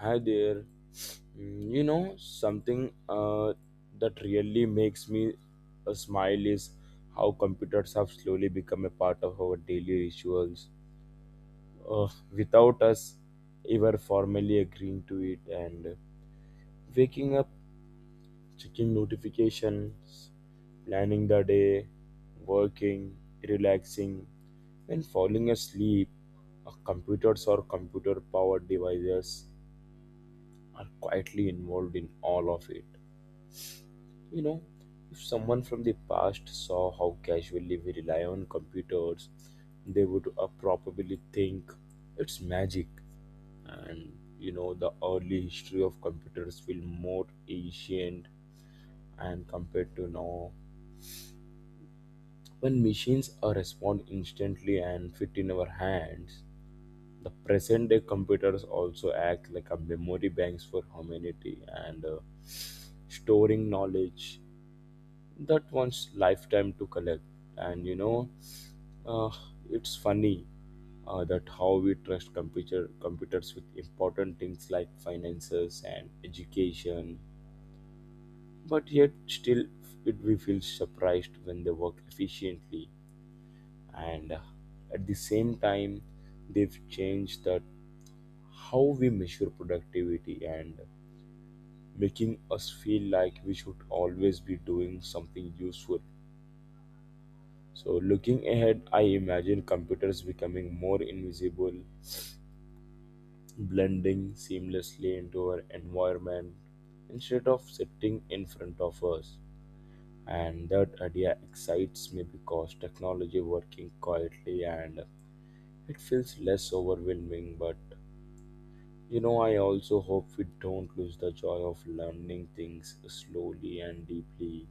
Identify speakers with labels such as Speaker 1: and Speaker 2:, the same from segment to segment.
Speaker 1: Hi there. You know, something that really makes me smile is how computers have slowly become a part of our daily rituals without us ever formally agreeing to it. And waking up, checking notifications, planning the day, working, relaxing, and falling asleep are computers or computer powered devices are quietly involved in all of it. You know, if someone from the past saw how casually we rely on computers, they would probably think it's magic. And you know, the early history of computers feel more ancient and compared to now. When machines respond instantly and fit in our hands, the present day computers also act like a memory banks for humanity and storing knowledge that one's lifetime to collect. And you know, uh, it's funny that how we trust computers with important things like finances and education, but yet still it we feel surprised when they work efficiently, and at the same time they've changed that how we measure productivity and making us feel like we should always be doing something useful. So, looking ahead, I imagine computers becoming more invisible, blending seamlessly into our environment instead of sitting in front of us. And that idea excites me because technology working quietly and it feels less overwhelming. But you know, I also hope we don't lose the joy of learning things slowly and deeply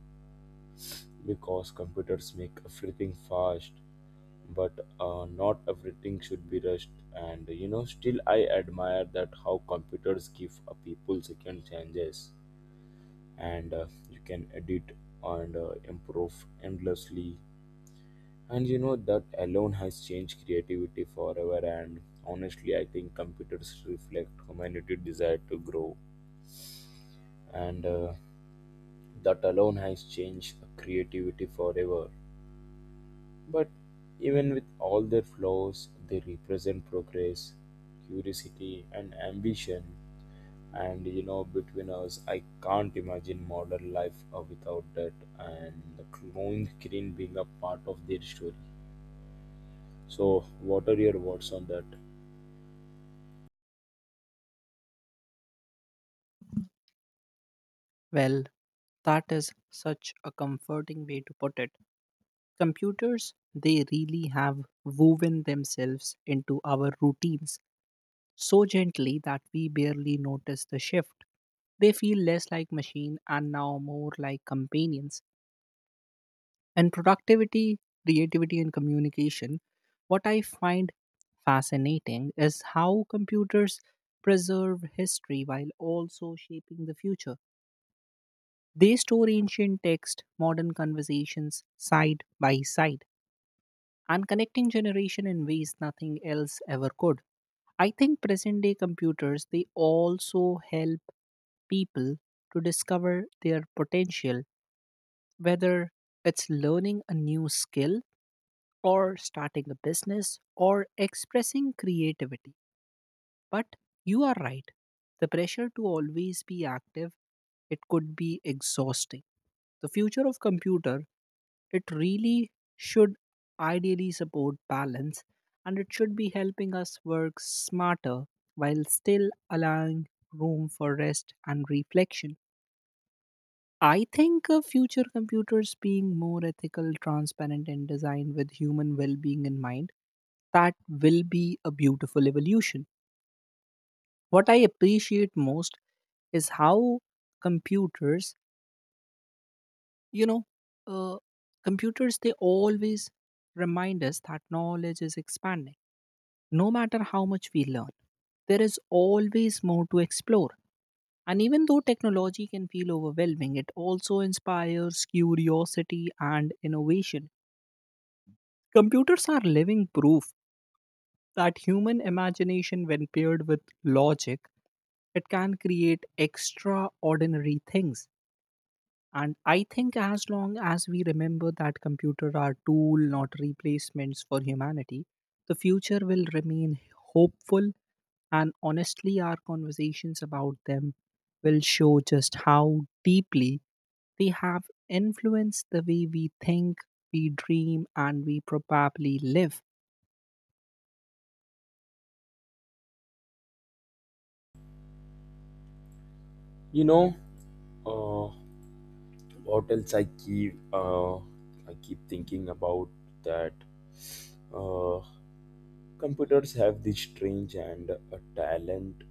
Speaker 1: because computers make everything fast but not everything should be rushed. And you know still I admire that how computers give people second chances and you can edit and improve endlessly. And you know that alone has changed creativity forever. And honestly I think computers reflect humanity desire to grow and that alone has changed creativity forever. But even with all their flaws, they represent progress, curiosity, and ambition. And you know, between us, I can't imagine modern life without that, and the clone screen being a part of their story. So, what are your words on that?
Speaker 2: Well, that is such a comforting way to put it. Computers, they really have woven themselves into our routines so gently that we barely notice the shift. They feel less like machine and now more like companions. And productivity, creativity and communication, what I find fascinating is how computers preserve history while also shaping the future. They store ancient text, modern conversations side by side, and connecting generation in ways nothing else ever could. I think present day computers they also help people to discover their potential, whether it's learning a new skill or starting a business or expressing creativity. But you are right. The pressure to always be active, it could be exhausting. The future of computer it really should ideally support balance and it should be helping us work smarter while still allowing room for rest and reflection. I think of future computers being more ethical, transparent, and designed with human well being in mind. That will be a beautiful evolution. What I appreciate most is how computers, you know, uh, computers, they always remind us that knowledge is expanding. No matter how much we learn, there is always more to explore. And even though technology can feel overwhelming, it also inspires curiosity and innovation. Computers are living proof that human imagination, when paired with logic, it can create extraordinary things. And I think as long as we remember that computers are tool, not replacements for humanity, the future will remain hopeful. And honestly, our conversations about them will show just how deeply they have influenced the way we think, we dream, and we probably live.
Speaker 1: You know, uh, what else I keep I keep thinking about that. Uh, Computers have this strange and a talent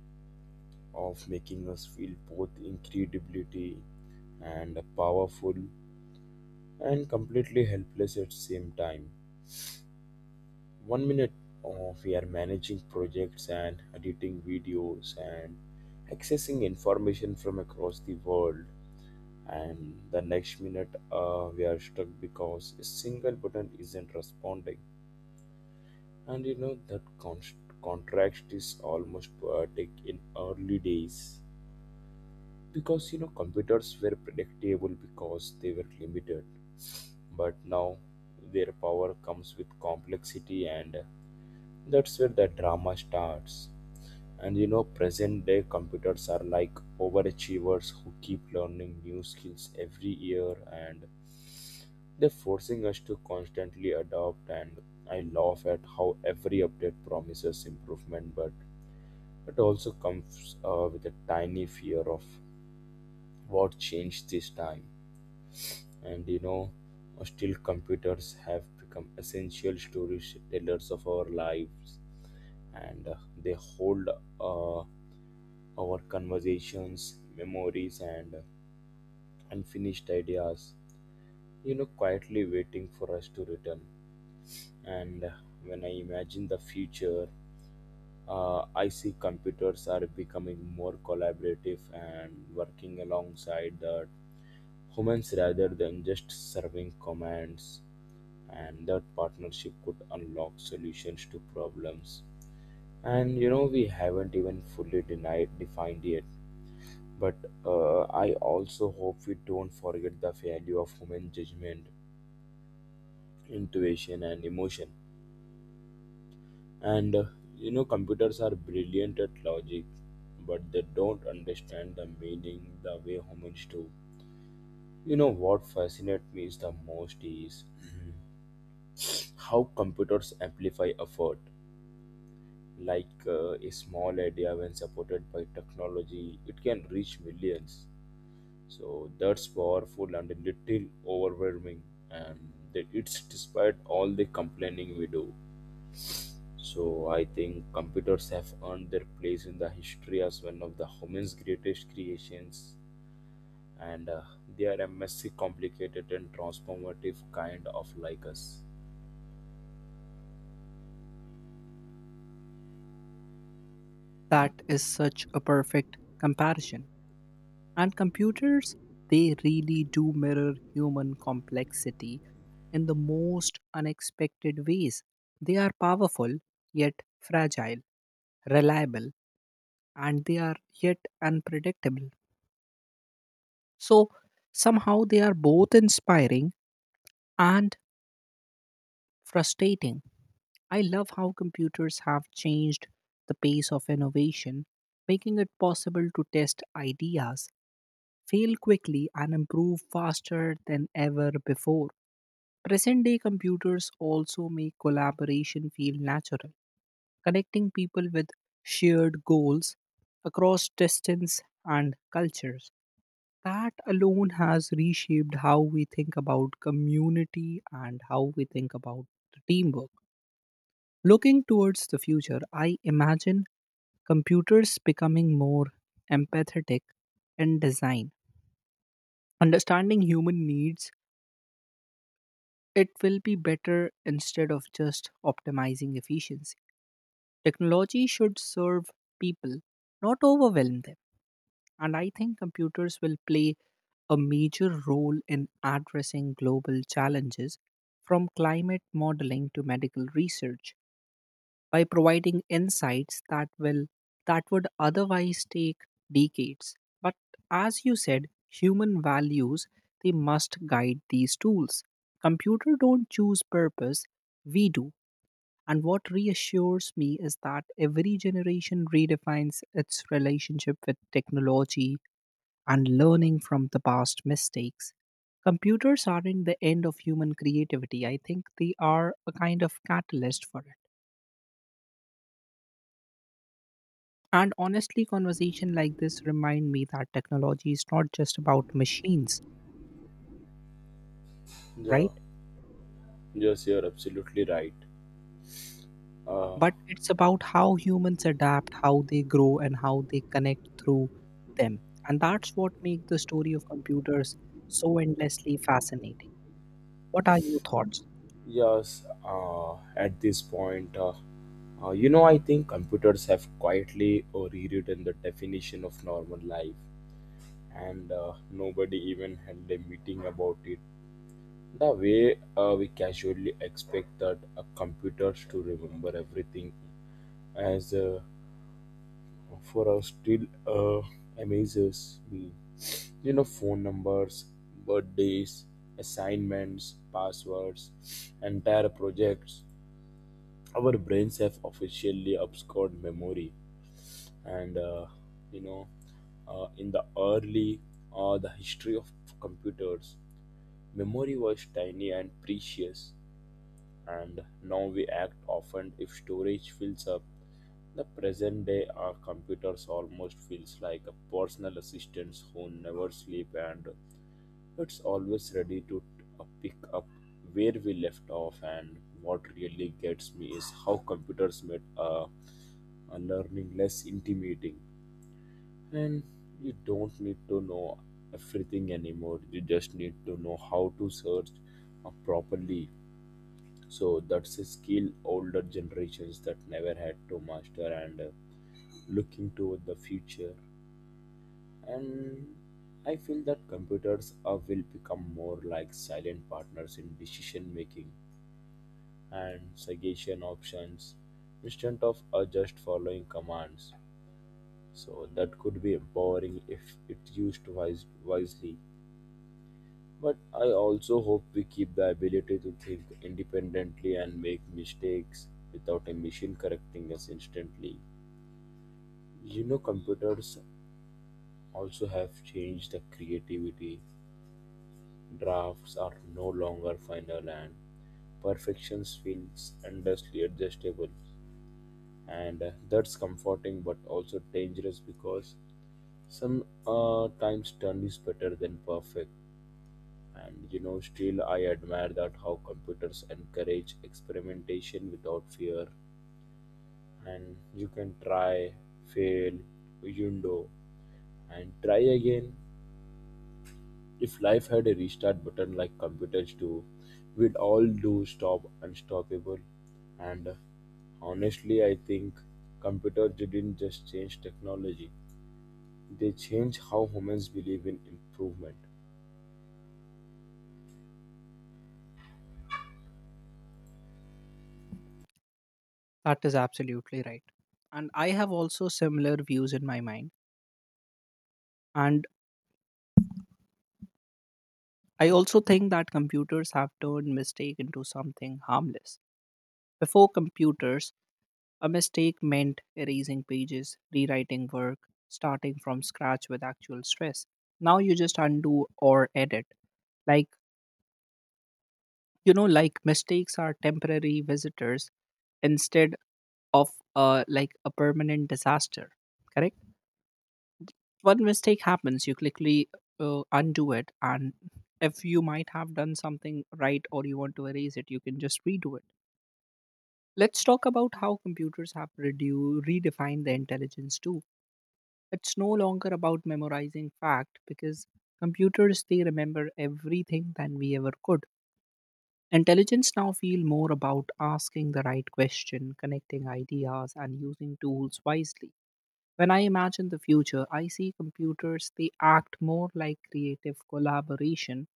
Speaker 1: of making us feel both incredibly and powerful and completely helpless at the same time. One minute oh, we are managing projects and editing videos and accessing information from across the world and the next minute we are stuck because a single button isn't responding. And you know that contrast is almost poetic in early days, because you know computers were predictable because they were limited, but now their power comes with complexity, and that's where the drama starts. And you know present day computers are like overachievers who keep learning new skills every year, and they're forcing us to constantly adopt. And I laugh at how every update promises improvement but it also comes with a tiny fear of what changed this time. And you know still computers have become essential storage tellers of our lives, and they hold uh, our conversations memories and unfinished ideas, you know quietly waiting for us to return. And when I imagine the future, I see computers are becoming more collaborative and working alongside the humans rather than just serving commands, and that partnership could unlock solutions to problems. And you know we haven't even fully denied defined yet. But I also hope we don't forget the value of human judgment, intuition and emotion. And you know computers are brilliant at logic but they don't understand the meaning the way humans do. You know what fascinates me is the most is how computers amplify effort, like a small idea when supported by technology it can reach millions, so that's powerful and a little overwhelming. And that it's despite all the complaining we do. So I think computers have earned their place in the history as one of the humans greatest creations, and they are a messy complicated and transformative, kind of like us.
Speaker 2: That is such a perfect comparison. And computers, they really do mirror human complexity in the most unexpected ways. They are powerful, yet fragile, reliable, and they are yet unpredictable. So somehow they are both inspiring and frustrating. I love how computers have changed the pace of innovation, making it possible to test ideas, fail quickly, and improve faster than ever before. Present day computers also make collaboration feel natural, connecting people with shared goals across distance and cultures. That alone has reshaped how we think about community and how we think about the teamwork. Looking towards the future, I imagine computers becoming more empathetic in design. Understanding human needs, it will be better instead of just optimizing efficiency. Technology should serve people, not overwhelm them. And I think computers will play a major role in addressing global challenges from climate modeling to medical research by providing insights that will that would otherwise take decades. But as you said, human values, they must guide these tools. Computer don't choose purpose, we do. And what reassures me is that every generation redefines its relationship with technology and learning from the past mistakes. Computers aren't the end of human creativity. I think they are a kind of catalyst for it. And honestly, conversation like this remind me that technology is not just about machines,
Speaker 1: Yeah,
Speaker 2: right?
Speaker 1: yes you're absolutely right. uh,
Speaker 2: But it's about how humans adapt, how they grow, and how they connect through them. And that's what makes the story of computers so endlessly fascinating. What are your thoughts?
Speaker 1: Yes, at this point, you know, I think computers have quietly rewritten the definition of normal life, and nobody even held a meeting about it. The way we casually expect that computers to remember everything, as for us, still amazes me. You know, phone numbers, birthdays, assignments, passwords, entire projects, our brains have officially obscured memory. And you know, in the early the history of computers, memory was tiny and precious, and now we act often if storage fills up. The present day our computers almost feels like a personal assistant who never sleep, and it's always ready to pick up where we left off. And what really gets me is how computers made learning less intimidating. And you don't need to know everything anymore, you just need to know how to search properly. So, that's a skill older generations that never had to master. And looking toward the future. And I feel that computers will become more like silent partners in decision making and suggestion options instead of just following commands. So that could be empowering if it's used wisely. But I also hope we keep the ability to think independently and make mistakes without a machine correcting us instantly. You know, computers also have changed the creativity. Drafts are no longer final and perfections feels endlessly adjustable, and that's comforting but also dangerous because some times done is better than perfect. And you know still I admire that how computers encourage experimentation without fear, and you can try, fail, window, and try again. If life had a restart button like computers do, we'd all do stop unstoppable. And honestly, I think computers didn't just change technology, they changed how humans believe in improvement.
Speaker 2: That is absolutely right. And I have also similar views in my mind. And I also think that computers have turned mistake into something harmless. Before computers, a mistake meant erasing pages, rewriting work, starting from scratch with actual stress. Now you just undo or edit. Like, you know, like mistakes are temporary visitors instead of like a permanent disaster. Correct? One mistake happens, you quickly undo it, and if you might have done something right or you want to erase it you can just redo it. Let's talk about how computers have redefined the intelligence too. It's no longer about memorizing fact because computers they remember everything than we ever could. Intelligence now feel more about asking the right question, connecting ideas and using tools wisely. When I imagine the future, I see computers they act more like creative collaboration,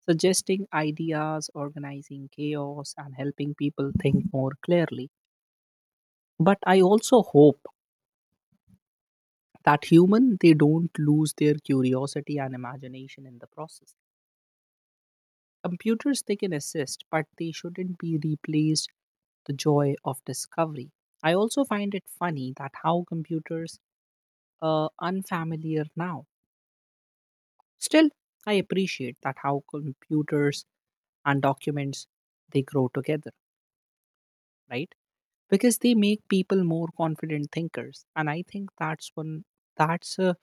Speaker 2: suggesting ideas, organizing chaos, and helping people think more clearly. But I also hope that human they don't lose their curiosity and imagination in the process. Computers they can assist, but they shouldn't be replaced the joy of discovery. I also find it funny that how computers are unfamiliar now. Still, I appreciate that how computers and documents they grow together, right? Because they make people more confident thinkers, and I think that's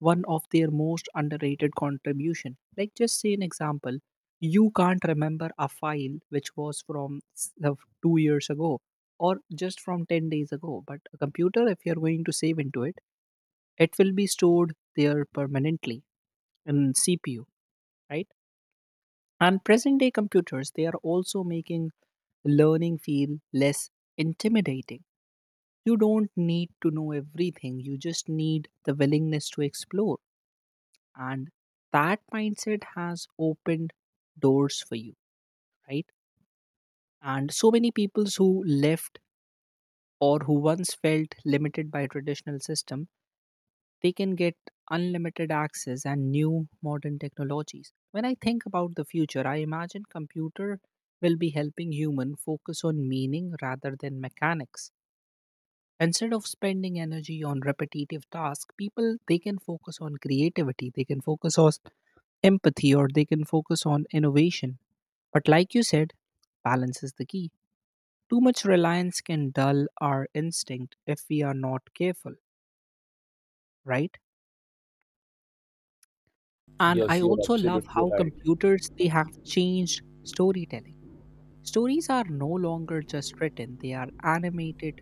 Speaker 2: one of their most underrated contribution. Like just say an example, you can't remember a file which was from of 2 years ago or just from 10 days ago, but a computer if you're going to save into it, it will be stored there permanently in CPU, right? And present day computers, they are also making learning feel less intimidating. You don't need to know everything, you just need the willingness to explore. And that mindset has opened doors for you, right? And so many peoples who left or who once felt limited by traditional system they can get unlimited access and new modern technologies. When I think about the future, I imagine computer will be helping human focus on meaning rather than mechanics. Instead of spending energy on repetitive tasks, people they can focus on creativity, they can focus on empathy or they can focus on innovation. But like you said, balance is the key. Too much reliance can dull our instinct if we are not careful, right? And I
Speaker 1: Yes, you're
Speaker 2: also love
Speaker 1: absolutely
Speaker 2: how
Speaker 1: right.
Speaker 2: computers they have changed storytelling. Stories are no longer just written, they are animated,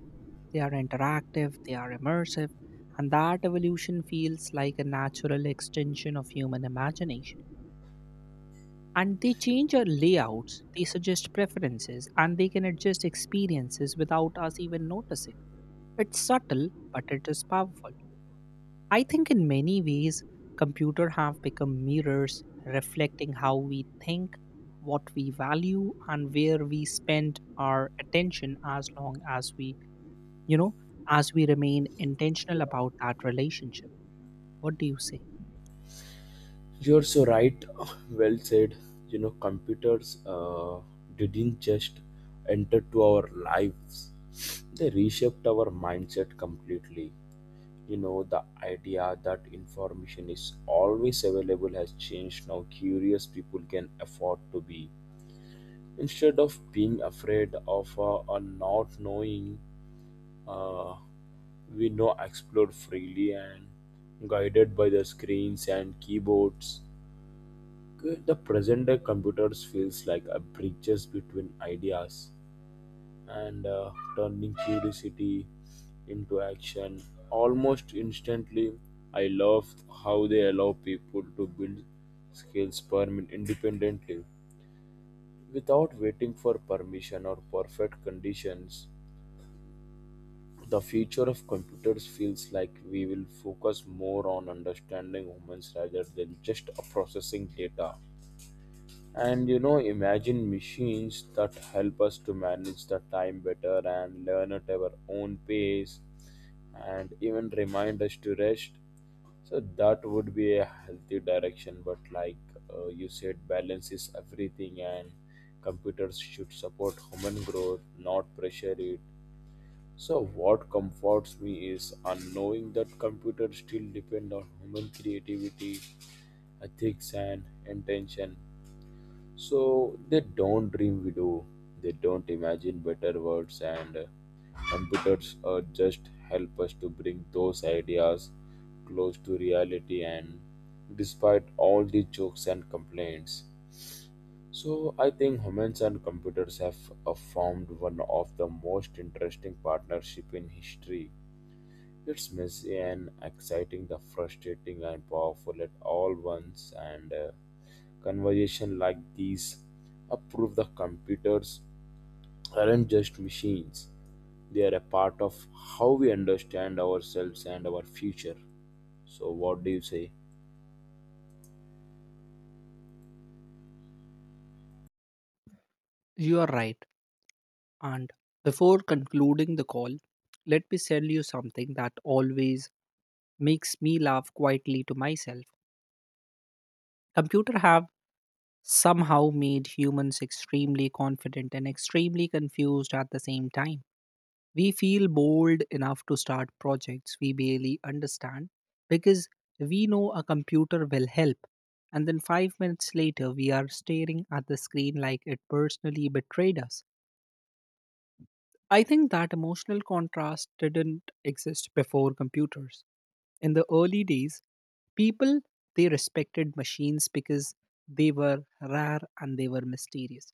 Speaker 2: they are interactive, they are immersive, and that evolution feels like a natural extension of human imagination. And they change our layouts, they suggest preferences and they can adjust experiences without us even noticing. It's subtle but it is powerful. I think in many ways, computer have become mirrors reflecting how we think, what we value, and where we spend our attention as long as we, you know, as we remain intentional about that relationship. What do you say?
Speaker 1: You're so right. Well said. You know, computers didn't just enter to our lives; they reshaped our mindset completely. You know the idea that information is always available has changed now curious people can afford to be instead of being afraid of or not knowing. uh, we now explore freely and guided by the screens and keyboards. The present day computers feels like a bridges between ideas and turning curiosity into action almost instantly. I love how they allow people to build skills independently without waiting for permission or perfect conditions. The future of computers feels like we will focus more on understanding humans rather than just processing data. And you know, imagine machines that help us to manage the time better and learn at our own pace and even remind us to rest. So that would be a healthy direction. But like you said, balance is everything, and computers should support human growth, not pressure it. So what comforts me is unknowing that computers still depend on human creativity, ethics, and intention, so they don't dream we do. They don't imagine better words, and computers just help us to bring those ideas close to reality. And despite all the jokes and complaints, so I think humans and computers have formed one of the most interesting partnership in history. It's messy and exciting, the frustrating and powerful at all once, and conversation like these approve the computers aren't just machines. They are a part of how we understand ourselves and our future. So, what do you say?
Speaker 2: You are right. And before concluding the call, let me tell you something that always makes me laugh quietly to myself. Computer have somehow made humans extremely confident and extremely confused at the same time. We feel bold enough to start projects we barely understand because we know a computer will help. And then 5 minutes later, we are staring at the screen like it personally betrayed us. I think that emotional contrast didn't exist before computers. In the early days, people they respected machines because they were rare and they were mysterious.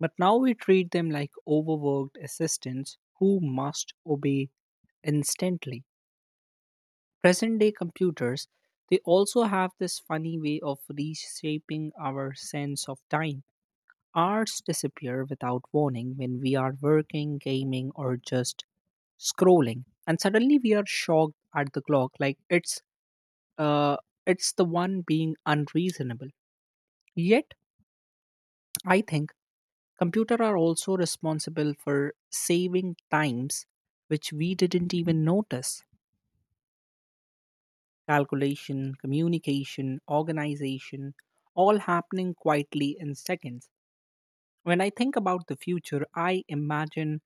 Speaker 2: But now we treat them like overworked assistants who must obey instantly. Present day computers they also have this funny way of reshaping our sense of time. Hours disappear without warning when we are working, gaming, or just scrolling, and suddenly we are shocked at the clock, like uh, it's the one being unreasonable. Yet, I think computer are also responsible for saving times which we didn't even notice. Calculation, communication, organization, all happening quietly in seconds. When I think about the future, I imagine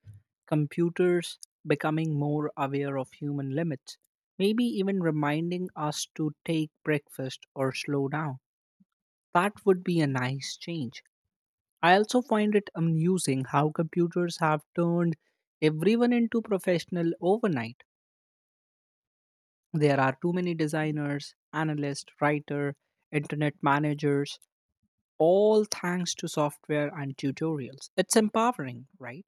Speaker 2: computers becoming more aware of human limits, maybe even reminding us to take breakfast or slow down. That would be a nice change. I also find it amusing how computers have turned everyone into professional overnight. There are too many designers, analysts, writer, internet managers, all thanks to software and tutorials. It's empowering, right?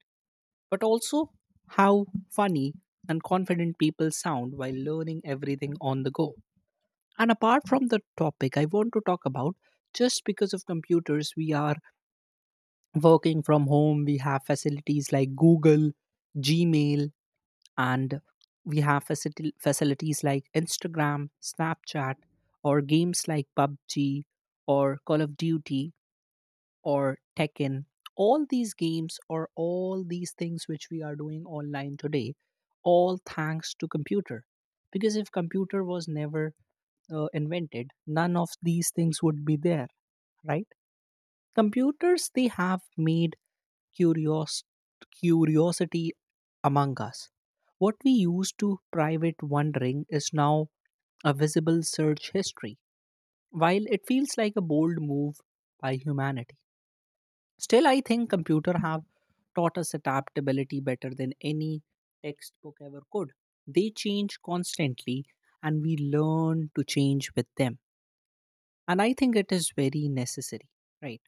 Speaker 2: But also how funny and confident people sound while learning everything on the go. And apart from the topic, I want to talk about just because of computers, we are working from home, we have facilities like Google, Gmail, and we have facilities like Instagram, Snapchat, or games like PUBG or Call of Duty or Tekken. All these games or all these things which we are doing online today, all thanks to computer. Because if computer was never invented, none of these things would be there, right? Computers they have made curios curiosity among us. What we used to private wondering is now a visible search history. While it feels like a bold move by humanity. Still, I think computer have taught us adaptability better than any textbook ever could. They change constantly and we learn to change with them. And I think it is very necessary, right?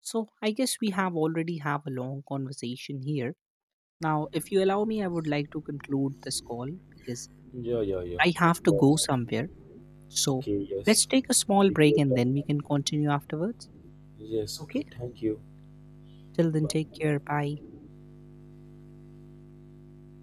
Speaker 2: So I guess we have already have a long conversation here. Now, if you allow me, I would
Speaker 1: Yes.
Speaker 2: like to conclude this call because
Speaker 1: Yeah, yeah, yeah.
Speaker 2: I
Speaker 1: Of
Speaker 2: have to go
Speaker 1: course.
Speaker 2: somewhere. So
Speaker 1: Okay.
Speaker 2: let's
Speaker 1: Yes.
Speaker 2: take a small
Speaker 1: Take
Speaker 2: break
Speaker 1: your
Speaker 2: and then we
Speaker 1: time.
Speaker 2: can continue afterwards.
Speaker 1: Yes.
Speaker 2: Okay.
Speaker 1: Okay. Thank you.
Speaker 2: Till then, take
Speaker 1: Bye.
Speaker 2: care. Bye.